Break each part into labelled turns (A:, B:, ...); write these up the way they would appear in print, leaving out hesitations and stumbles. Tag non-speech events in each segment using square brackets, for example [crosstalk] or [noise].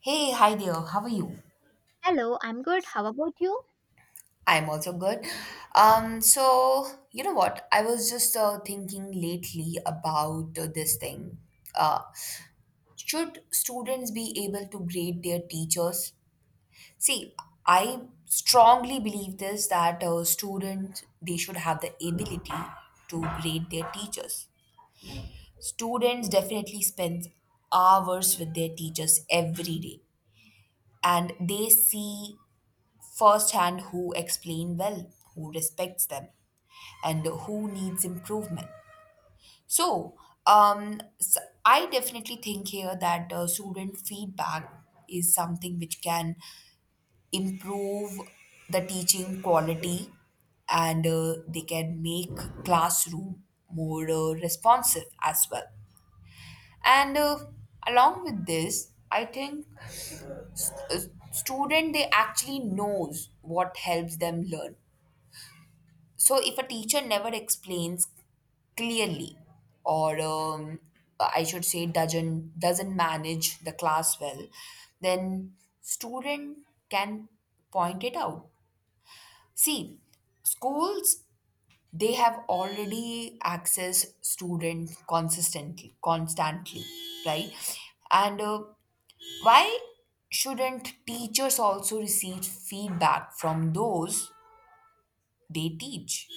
A: Hey, hi there. How are you?
B: Hello, I'm good. How about you?
A: I'm also good. So you know what? I was just thinking lately about this thing. Uh, should students be able to grade their teachers? See, I strongly believe this that students they should have the ability to grade their teachers. Students definitely spend hours with their teachers every day, and they see firsthand who explain well, who respects them, and who needs improvement. So, s I definitely think here that student feedback is something which can improve the teaching quality and they can make classroom more responsive as well and along with this I think a student they actually knows what helps them learn. So, if a teacher never explains clearly, or I should say, doesn't manage the class well, then student can point it out. See, schools they have already access student consistently, constantly, right? And why shouldn't teachers also receive feedback from those they teach?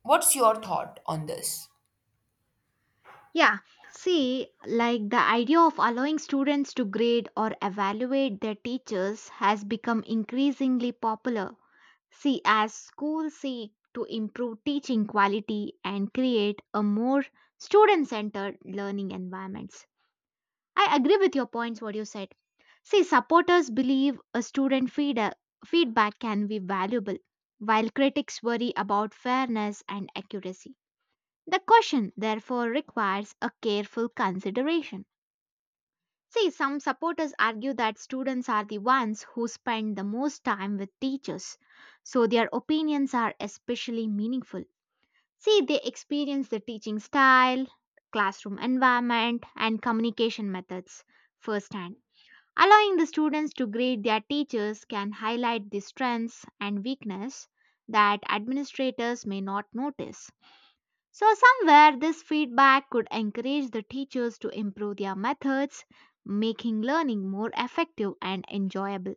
A: What's your thought on this?
B: Yeah, see, like the idea of allowing students to grade or evaluate their teachers has become increasingly popular. See, as schools seek to improve teaching quality and create a more student centered learning environments. I agree with your points, what you said. See, supporters believe a feedback can be valuable, while critics worry about fairness and accuracy. The question, therefore, requires a careful consideration. See, some supporters argue that students are the ones who spend the most time with teachers, so their opinions are especially meaningful. See, they experience the teaching style, classroom environment, and communication methods firsthand. Allowing the students to grade their teachers can highlight the strengths and weakness that administrators may not notice. So, somewhere this feedback could encourage the teachers to improve their methods, making learning more effective and enjoyable.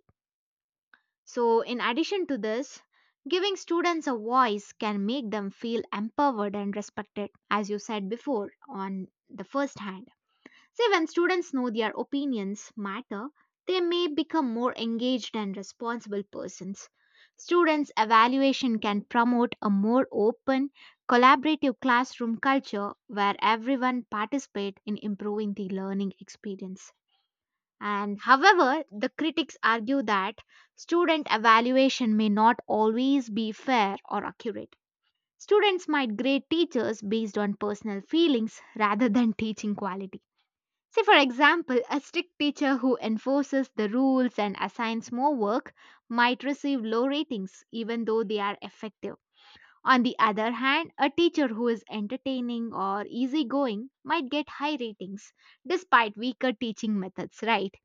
B: So, in addition to this, giving students a voice can make them feel empowered and respected, as you said before on the first hand. See, when students know their opinions matter, they may become more engaged and responsible persons. Students' evaluation can promote a more open, collaborative classroom culture where everyone participates in improving the learning experience. And however, the critics argue that student evaluation may not always be fair or accurate. Students might grade teachers based on personal feelings rather than teaching quality. Say, for example, a strict teacher who enforces the rules and assigns more work might receive low ratings even though they are effective. On the other hand, a teacher who is entertaining or easygoing might get high ratings despite weaker teaching methods, right?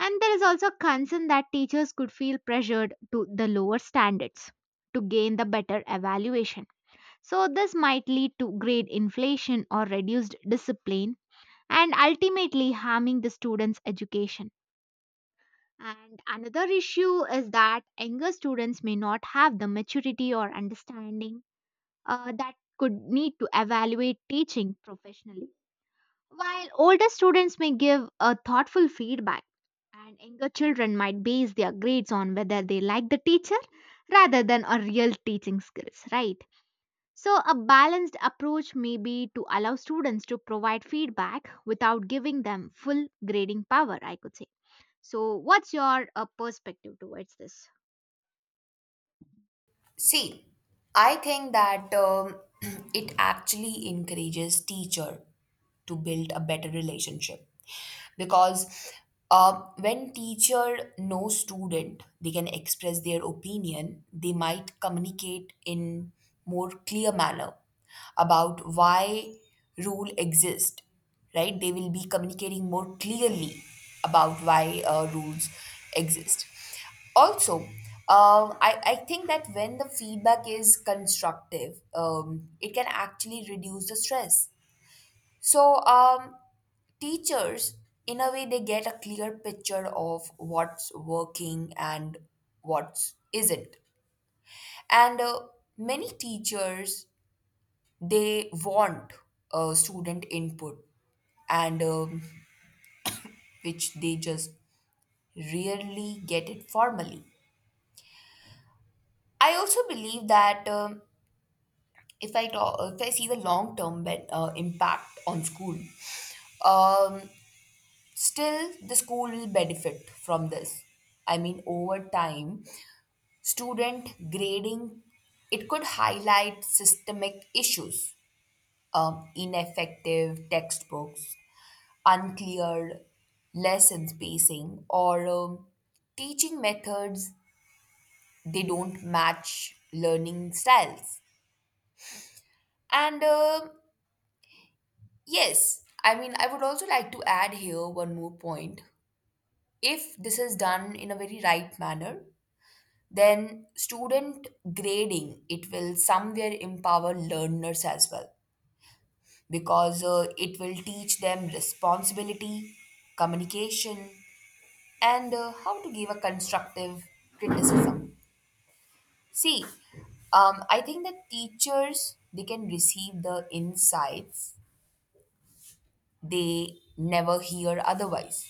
B: And there is also concern that teachers could feel pressured to the lower standards to gain the better evaluation. So, this might lead to grade inflation or reduced discipline and ultimately harming the students' education. And another issue is that younger students may not have the maturity or understanding that could need to evaluate teaching professionally. While older students may give a thoughtful feedback, and younger children might base their grades on whether they like the teacher rather than a real teaching skills, right? So, a balanced approach may be to allow students to provide feedback without giving them full grading power, I could say. So, what's your perspective towards this?
A: See, I think that [clears throat] it actually encourages teacher to build a better relationship because uh, when teacher knows student, they can express their opinion. They might communicate in more clear manner about why rule exist. Right? They will be communicating more clearly about why rules exist also. I think that when the feedback is constructive, it can actually reduce the stress. So teachers in a way they get a clear picture of what's working and what's isn't, and many teachers they want student input, and which they just rarely get it formally. I also believe that if I talk, if I see the long term impact on school, um, still the school will benefit from this. I mean, over time, student grading it could highlight systemic issues, ineffective textbooks, unclear lesson spacing, or teaching methods they don't match learning styles, and yes, I mean, I would also like to add here one more point. If this is done in a very right manner, then student grading it will somewhere empower learners as well because it will teach them responsibility, communication, and how to give a constructive criticism. See, I think that teachers they can receive the insights they never hear otherwise,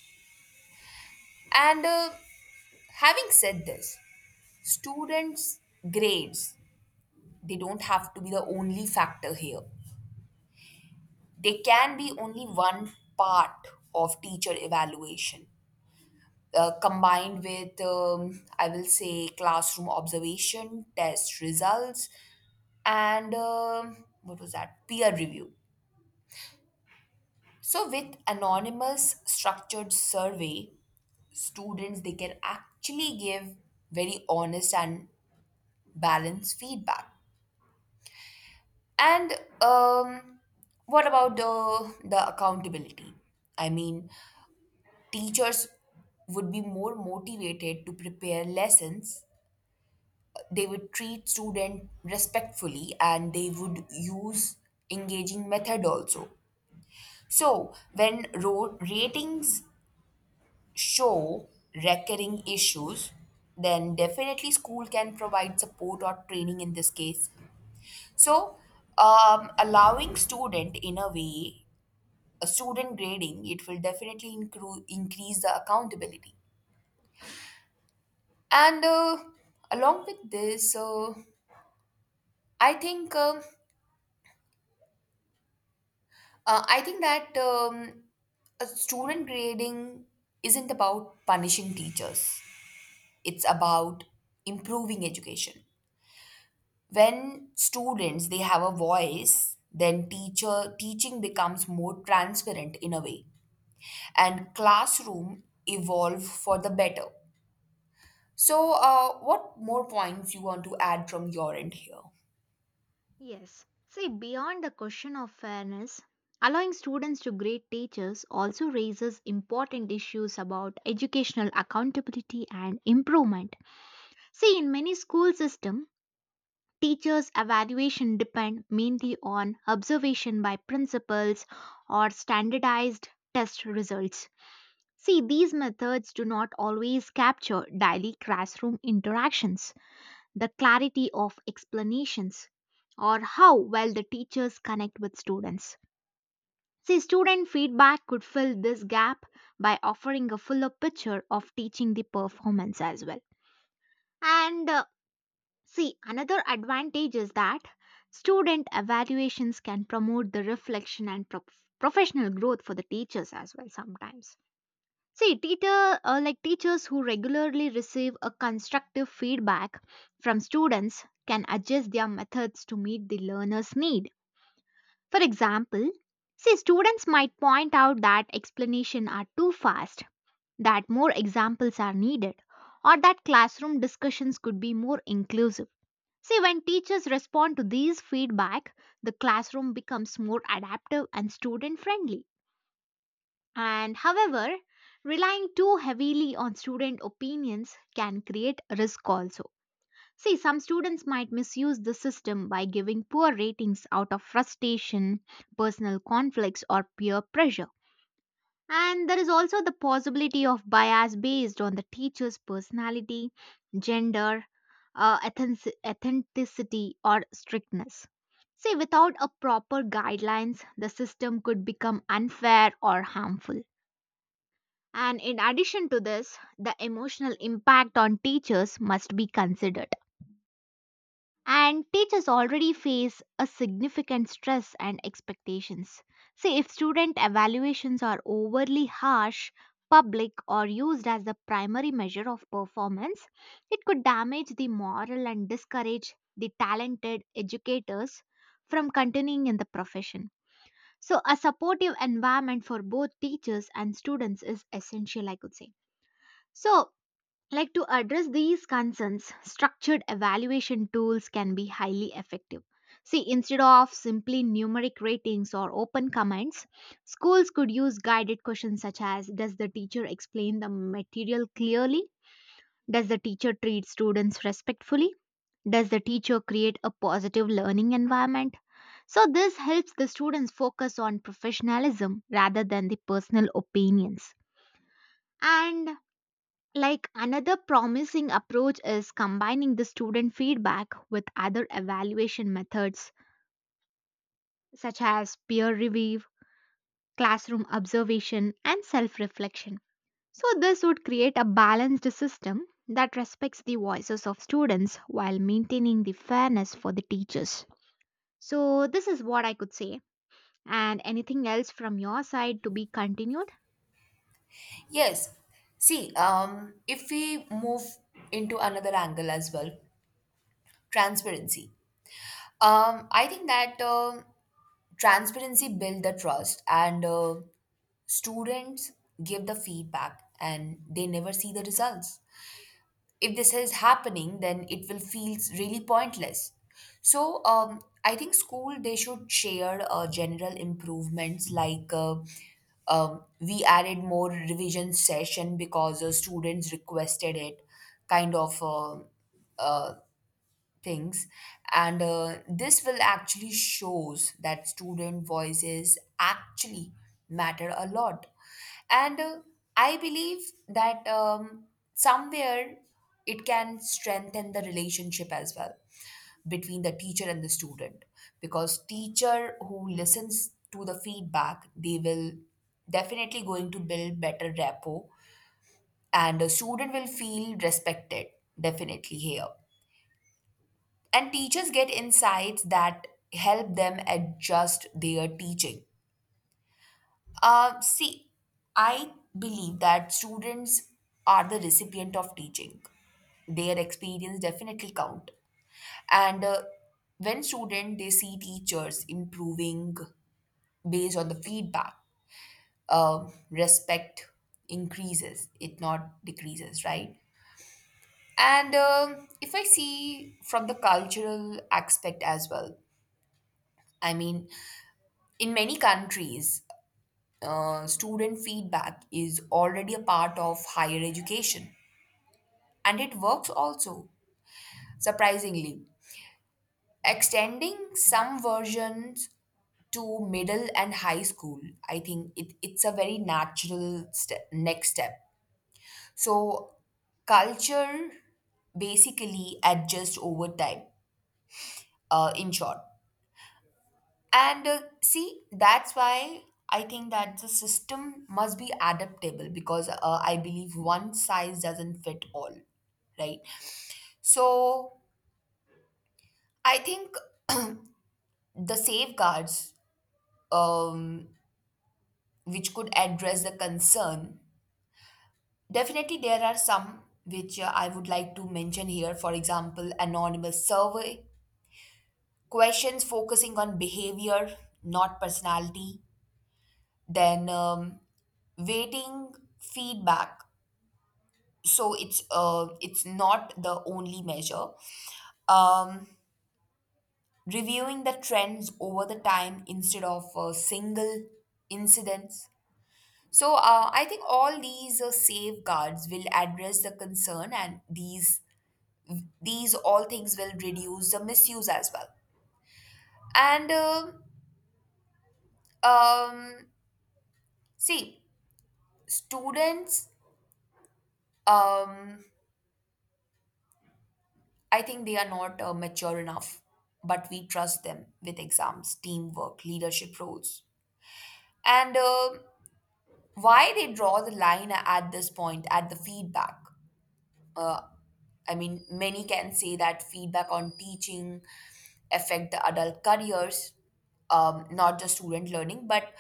A: and having said this, students' grades they don't have to be the only factor here. They can be only one part of teacher evaluation, combined with I will say classroom observation, test results, and what was that peer review. So, with anonymous structured survey, students they can actually give very honest and balanced feedback. And um, what about the accountability? I mean, teachers would be more motivated to prepare lessons. They would treat student respectfully, and they would use engaging method also. So when ratings show recurring issues, then definitely school can provide support or training in this case. So allowing student in a way a student grading, it will definitely increase the accountability. And along with this, I think um I think that a student grading isn't about punishing teachers. It's about improving education. When students they have a voice, then teacher teaching becomes more transparent in a way, and classroom evolve for the better. So, what more points you want to add from your end here?
B: Yes. See, beyond the question of fairness, allowing students to grade teachers also raises important issues about educational accountability and improvement. See, in many school systems, teachers' evaluation depend mainly on observation by principals or standardized test results. See, these methods do not always capture daily classroom interactions, the clarity of explanations, or how well the teachers connect with students. See, student feedback could fill this gap by offering a fuller picture of teaching the performance as well. And See, another advantage is that student evaluations can promote the reflection and professional growth for the teachers as well sometimes. See, teachers who regularly receive a constructive feedback from students can adjust their methods to meet the learner's need. For example, see students might point out that explanation are too fast, that more examples are needed, or that classroom discussions could be more inclusive. See, when teachers respond to these feedback, the classroom becomes more adaptive and student friendly. And however, relying too heavily on student opinions can create risk also. See, some students might misuse the system by giving poor ratings out of frustration, personal conflicts, or peer pressure. And there is also the possibility of bias based on the teacher's personality, gender, authenticity, or strictness. See, without a proper guidelines, the system could become unfair or harmful. And in addition to this, the emotional impact on teachers must be considered and teachers already face a significant stress and expectations. See, if student evaluations are overly harsh, public, or used as the primary measure of performance, it could damage the moral and discourage the talented educators from continuing in the profession. So, a supportive environment for both teachers and students is essential, I could say. So, like to address these concerns, structured evaluation tools can be highly effective. See, instead of simply numeric ratings or open comments, schools could use guided questions such as, does the teacher explain the material clearly? Does the teacher treat students respectfully? Does the teacher create a positive learning environment? So, this helps the students focus on professionalism rather than the personal opinions. And like another promising approach is combining the student feedback with other evaluation methods such as peer review, classroom observation, and self reflection. So, this would create a balanced system that respects the voices of students while maintaining the fairness for the teachers. So, this is what I could say. And anything else from your side to be continued?
A: Yes. See, if we move into another angle as well, transparency. I think that transparency build the trust, and students give the feedback, and they never see the results. If this is happening then it will feel really pointless. So I think school they should share general improvements like we added more revision session because students requested it, kind of uh, things, and this will actually shows that student voices actually matter a lot, and I believe that somewhere it can strengthen the relationship as well between the teacher and the student, because teacher who listens to the feedback they will definitely going to build better rapport and a student will feel respected definitely here and teachers get insights that help them adjust their teaching. See, I believe that students are the recipient of teaching. Their experience definitely count. And when student they see teachers improving based on the feedback, respect increases. It not decreases, right? And if I see from the cultural aspect as well, I mean, in many countries, student feedback is already a part of higher education, and it works also, surprisingly. Extending some versions to middle and high school, I think it's a very natural step, next step. So, culture basically adjusts over time, in short. And see, that's why I think that the system must be adaptable because I believe one size doesn't fit all, right? So I think the safeguards, um, which could address the concern, definitely there are some which I would like to mention here. For example, anonymous survey, questions focusing on behavior, not personality, then waiting feedback so it's not the only measure, um, reviewing the trends over the time instead of single incidents. So I think all these safeguards will address the concern and these all things will reduce the misuse as well. And um, See, students, um, I think they are not mature enough, but we trust them with exams, teamwork, leadership roles, and why they draw the line at this point at the feedback. uh, I mean many can say that feedback on teaching affect the adult careers, not just student learning, but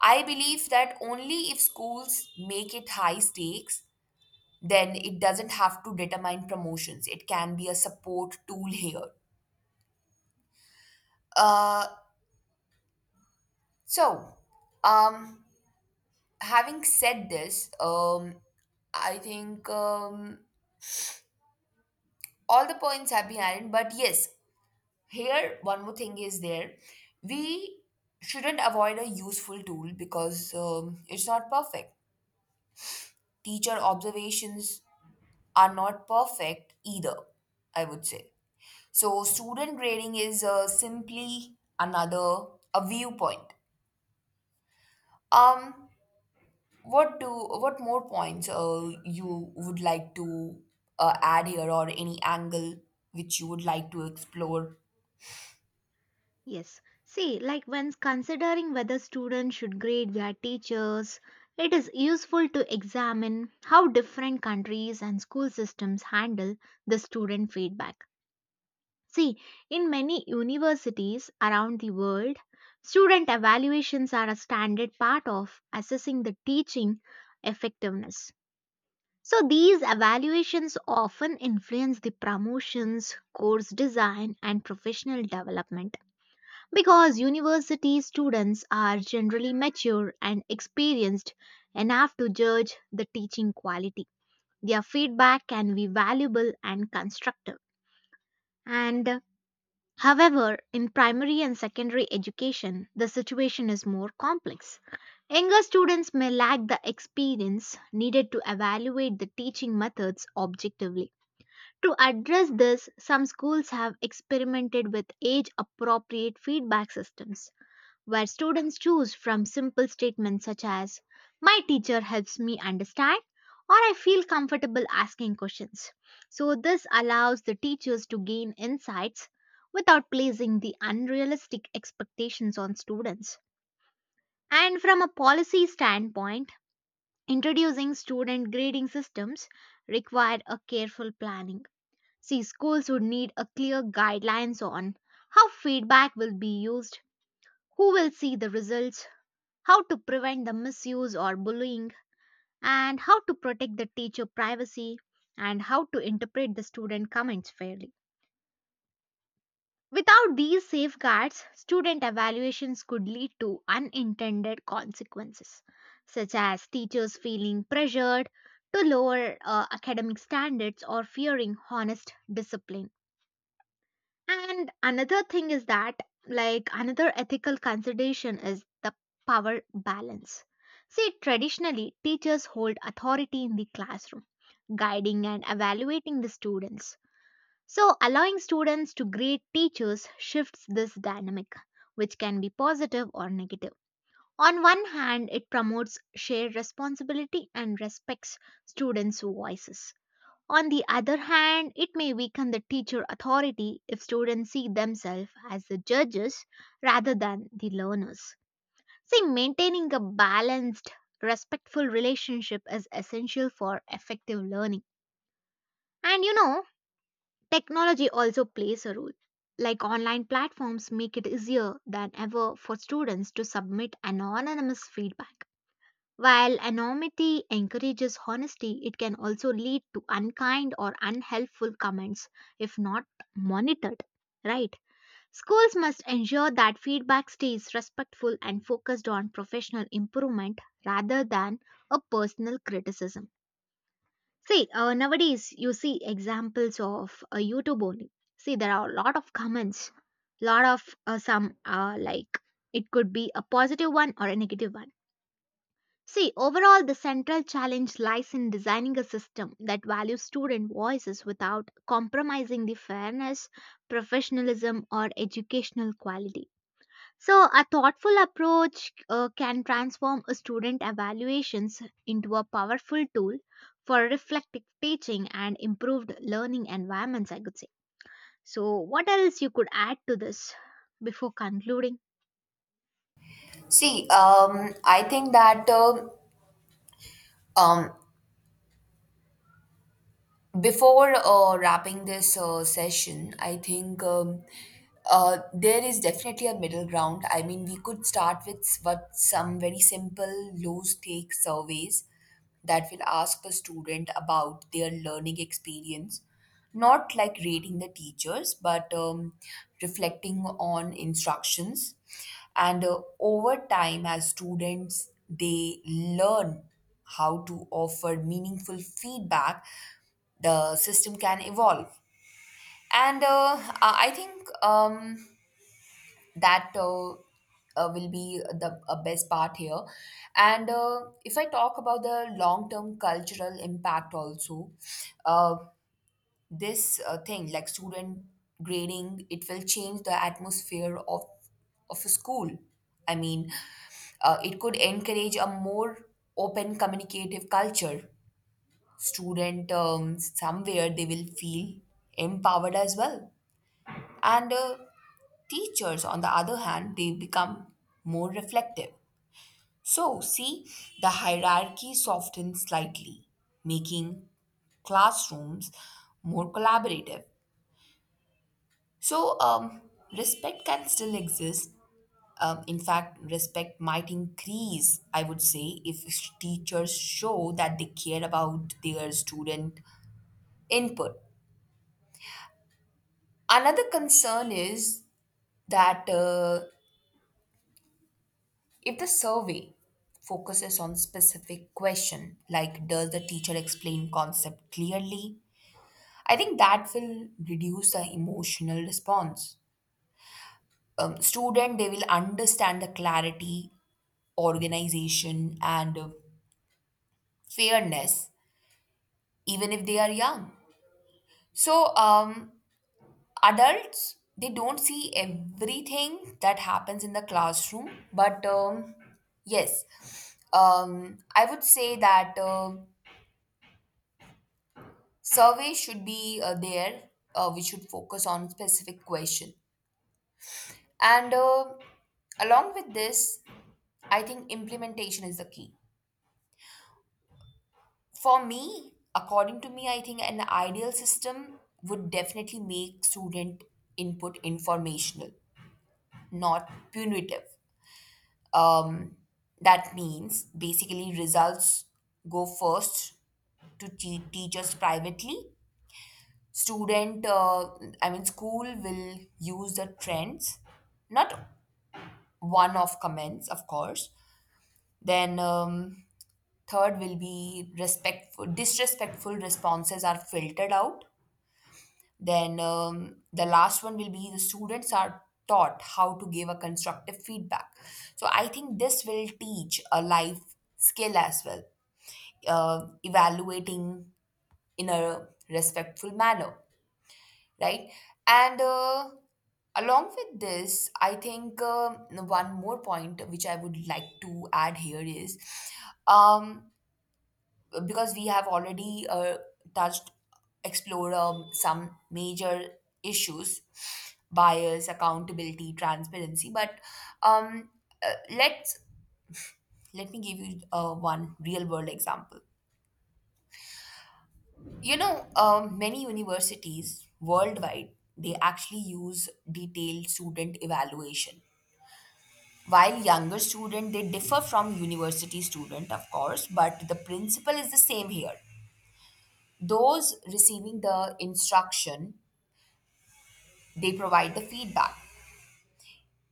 A: I believe that only if schools make it high stakes, then it doesn't have to determine promotions, it can be a support tool here. Uh, so um having said this, I think all the points have been ironed, but yes, here one more thing is there, we shouldn't avoid a useful tool because it's not perfect. Teacher observations are not perfect either, I would say. So student grading is simply another a viewpoint. Um what do what more points you would like to add here, or any angle which you would like to explore?
B: Yes. See, like when considering whether students should grade their teachers, it is useful to examine how different countries and school systems handle the student feedback. See, in many universities around the world, student evaluations are a standard part of assessing the teaching effectiveness. So, these evaluations often influence the promotions, course design, and professional development. Because university students are generally mature and experienced enough to judge the teaching quality. Their feedback can be valuable and constructive. And however, in primary and secondary education, the situation is more complex. Younger students may lack the experience needed to evaluate the teaching methods objectively. To address this, some schools have experimented with age appropriate feedback systems where students choose from simple statements such as, my teacher helps me understand, or I feel comfortable asking questions. So, this allows the teachers to gain insights without placing the unrealistic expectations on students. And from a policy standpoint, introducing student grading systems required a careful planning. See, schools would need a clear guidelines on how feedback will be used, who will see the results, how to prevent the misuse or bullying, and how to protect the teacher privacy, and how to interpret the student comments fairly. Without these safeguards, student evaluations could lead to unintended consequences, such as teachers feeling pressured to lower academic standards or fearing honest discipline. And another thing is that, like, another ethical consideration is the power balance. See, traditionally, teachers hold authority in the classroom, guiding and evaluating the students. So, allowing students to grade teachers shifts this dynamic, which can be positive or negative. On one hand, it promotes shared responsibility and respects students' voices. On the other hand, it may weaken the teacher authority if students see themselves as the judges rather than the learners. See, maintaining a balanced, respectful relationship is essential for effective learning. And you know, technology also plays a role. Like online platforms make it easier than ever for students to submit anonymous feedback while anonymity encourages honesty, it can also lead to unkind or unhelpful comments if not monitored. Right? Schools must ensure that feedback stays respectful and focused on professional improvement rather than a personal criticism. See, nowadays you see examples of YouTube only. See, there are a lot of comments, lot of some like it could be a positive one or a negative one. See, overall, the central challenge lies in designing a system that values student voices without compromising the fairness, professionalism, or educational quality. So, a thoughtful approach can transform a student evaluations into a powerful tool for reflective teaching and improved learning environments, I could say. So, what else you could add to this before concluding?
A: See, I think that um, before wrapping this session, I think there is definitely a middle ground. I mean, we could start with what some very simple low stake surveys that will ask a student about their learning experience, not like rating the teachers, but reflecting on instructions. And over time, as students, they learn how to offer meaningful feedback, the system can evolve, and I think that will be the best part here, and if I talk about the long term cultural impact also, uh, this thing like student grading it will change the atmosphere of a school. I mean, it could encourage a more open communicative culture. Student, somewhere they will feel empowered as well, and teachers on the other hand they become more reflective. So see, the hierarchy softens slightly, making classrooms more collaborative. So respect can still exist, in fact respect might increase I would say if teachers show that they care about their student input. Another concern is that if the survey focuses on specific question like does the teacher explain concept clearly, I think that will reduce the emotional response. Student they will understand the clarity, organization, and fairness, even if they are young. So adults they don't see everything that happens in the classroom, but yes I would say that surveys should be there, we should focus on specific question, and along with this, I think implementation is the key. For me, according to me, I think an ideal system would definitely make student input informational, not punitive. Um, that means basically results go first to teachers privately. Student, I mean, school will use the trends, not one off comments, of course. Then, third will be respectful, disrespectful responses are filtered out. Then, the last one will be the students are taught how to give a constructive feedback. So, I think this will teach a life skill as well, evaluating in a respectful manner, right? And along with this, I think one more point which I would like to add here is, um, because we have already touched, explored some major issues, bias, accountability, transparency, but um, uh, let's let me give you one real world example. You know, many universities worldwide they actually use detailed student evaluation. While younger student they differ from university student, of course, but the principle is the same here. Those receiving the instruction they provide the feedback.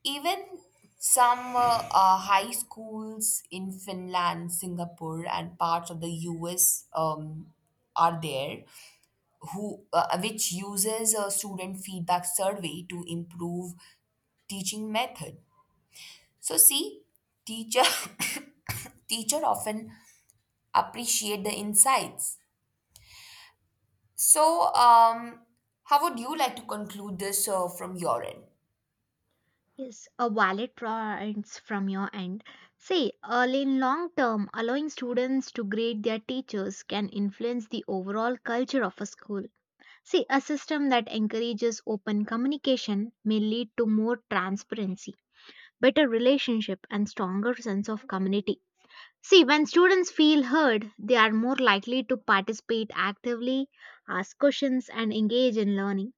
A: Even some high schools in Finland, Singapore, and parts of the US are there who which uses a student feedback survey to improve teaching method. So see, teacher [coughs] teacher often appreciate the insights. So how would you like to conclude this from your end?
B: Yes, a valid points from your end. See, early in long term, allowing students to grade their teachers can influence the overall culture of a school. See, a system that encourages open communication may lead to more transparency, better relationship, and stronger sense of community. See, when students feel heard, they are more likely to participate actively, ask questions, and engage in learning.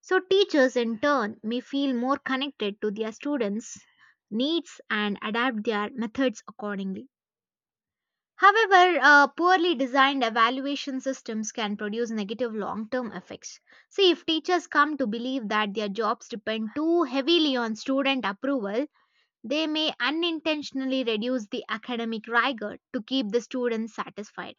B: So, teachers in turn may feel more connected to their students' needs and adapt their methods accordingly. However, poorly designed evaluation systems can produce negative long term effects. See, if teachers come to believe that their jobs depend too heavily on student approval, they may unintentionally reduce the academic rigor to keep the students satisfied.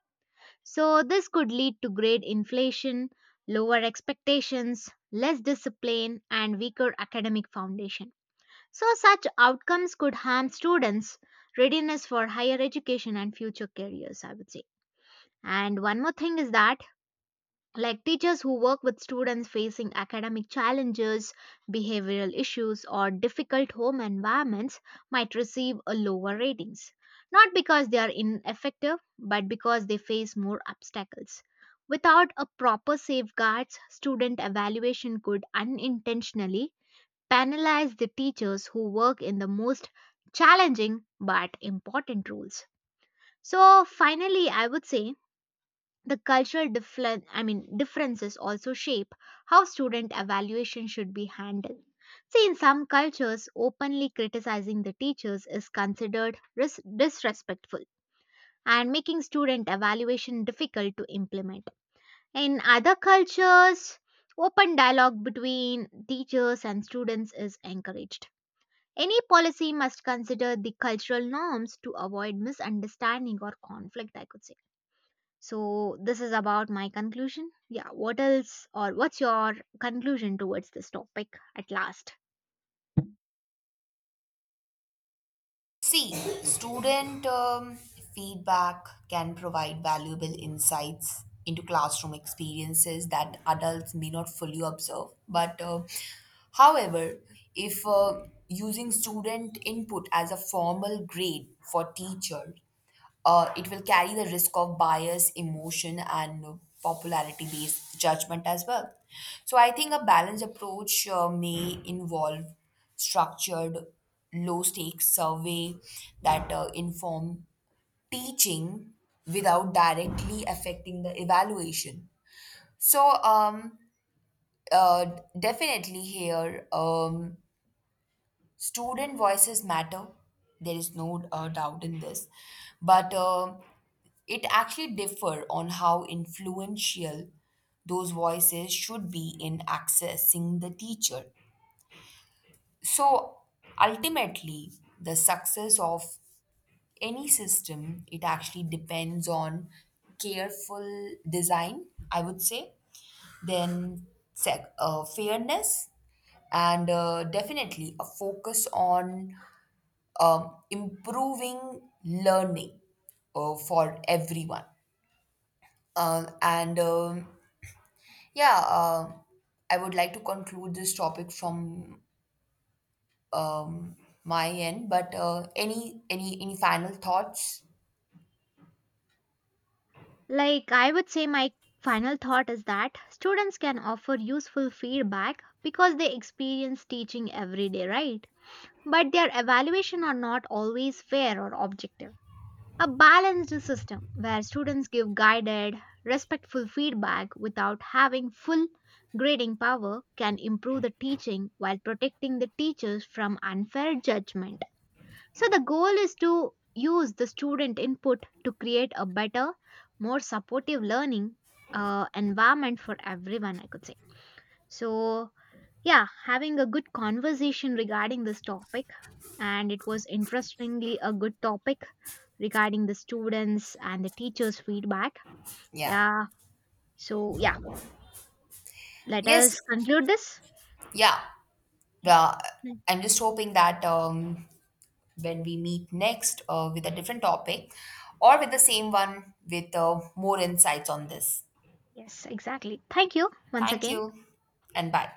B: So, this could lead to grade inflation, lower expectations, less discipline, and weaker academic foundation. So, such outcomes could harm students' readiness for higher education and future careers, I would say. And one more thing is that like teachers who work with students facing academic challenges, behavioral issues, or difficult home environments might receive a lower ratings. Not because they are ineffective, but because they face more obstacles. Without a proper safeguards, student evaluation could unintentionally penalize the teachers who work in the most challenging but important roles. So, finally, I would say the cultural different I mean differences also shape how student evaluation should be handled. See, in some cultures openly criticizing the teachers is considered disrespectful, and making student evaluation difficult to implement. In other cultures, open dialogue between teachers and students is encouraged. Any policy must consider the cultural norms to avoid misunderstanding or conflict, I could say. So, this is about my conclusion. Yeah, what else or what's your conclusion towards this topic at last?
A: See, student feedback can provide valuable insights into classroom experiences that adults may not fully observe. But, however, if using student input as a formal grade for teacher, it will carry the risk of bias, emotion, and popularity based judgment as well. So, I think a balanced approach may involve structured, low stakes survey that inform teaching without directly affecting the evaluation. So, uh, definitely here, student voices matter. There is no doubt in this. But it actually differ on how influential those voices should be in accessing the teacher. So ultimately, the success of any system it actually depends on careful design, I would say, then fairness, and definitely a focus on improving learning for everyone. And Yeah, I would like to conclude this topic from um, my end, but any final thoughts?
B: Like, I would say my final thought is that students can offer useful feedback because they experience teaching every day, right? But their evaluation are not always fair or objective. A balanced system where students give guided, respectful feedback without having full grading power can improve the teaching while protecting the teachers from unfair judgment. So, the goal is to use the student input to create a better, more supportive learning environment for everyone, I could say. So, yeah, having a good conversation regarding this topic, and it was interestingly a good topic regarding the students and the teachers' feedback.
A: Yeah.
B: Yeah. So, yeah, let
A: Yes.
B: us conclude this.
A: Yeah.
B: Yeah.
A: The,
B: Mm.
A: I'm just hoping that when we meet next with a different topic, or with the same one with more insights on this.
B: Yes, exactly. Thank you once
A: Thank
B: again.
A: you and bye.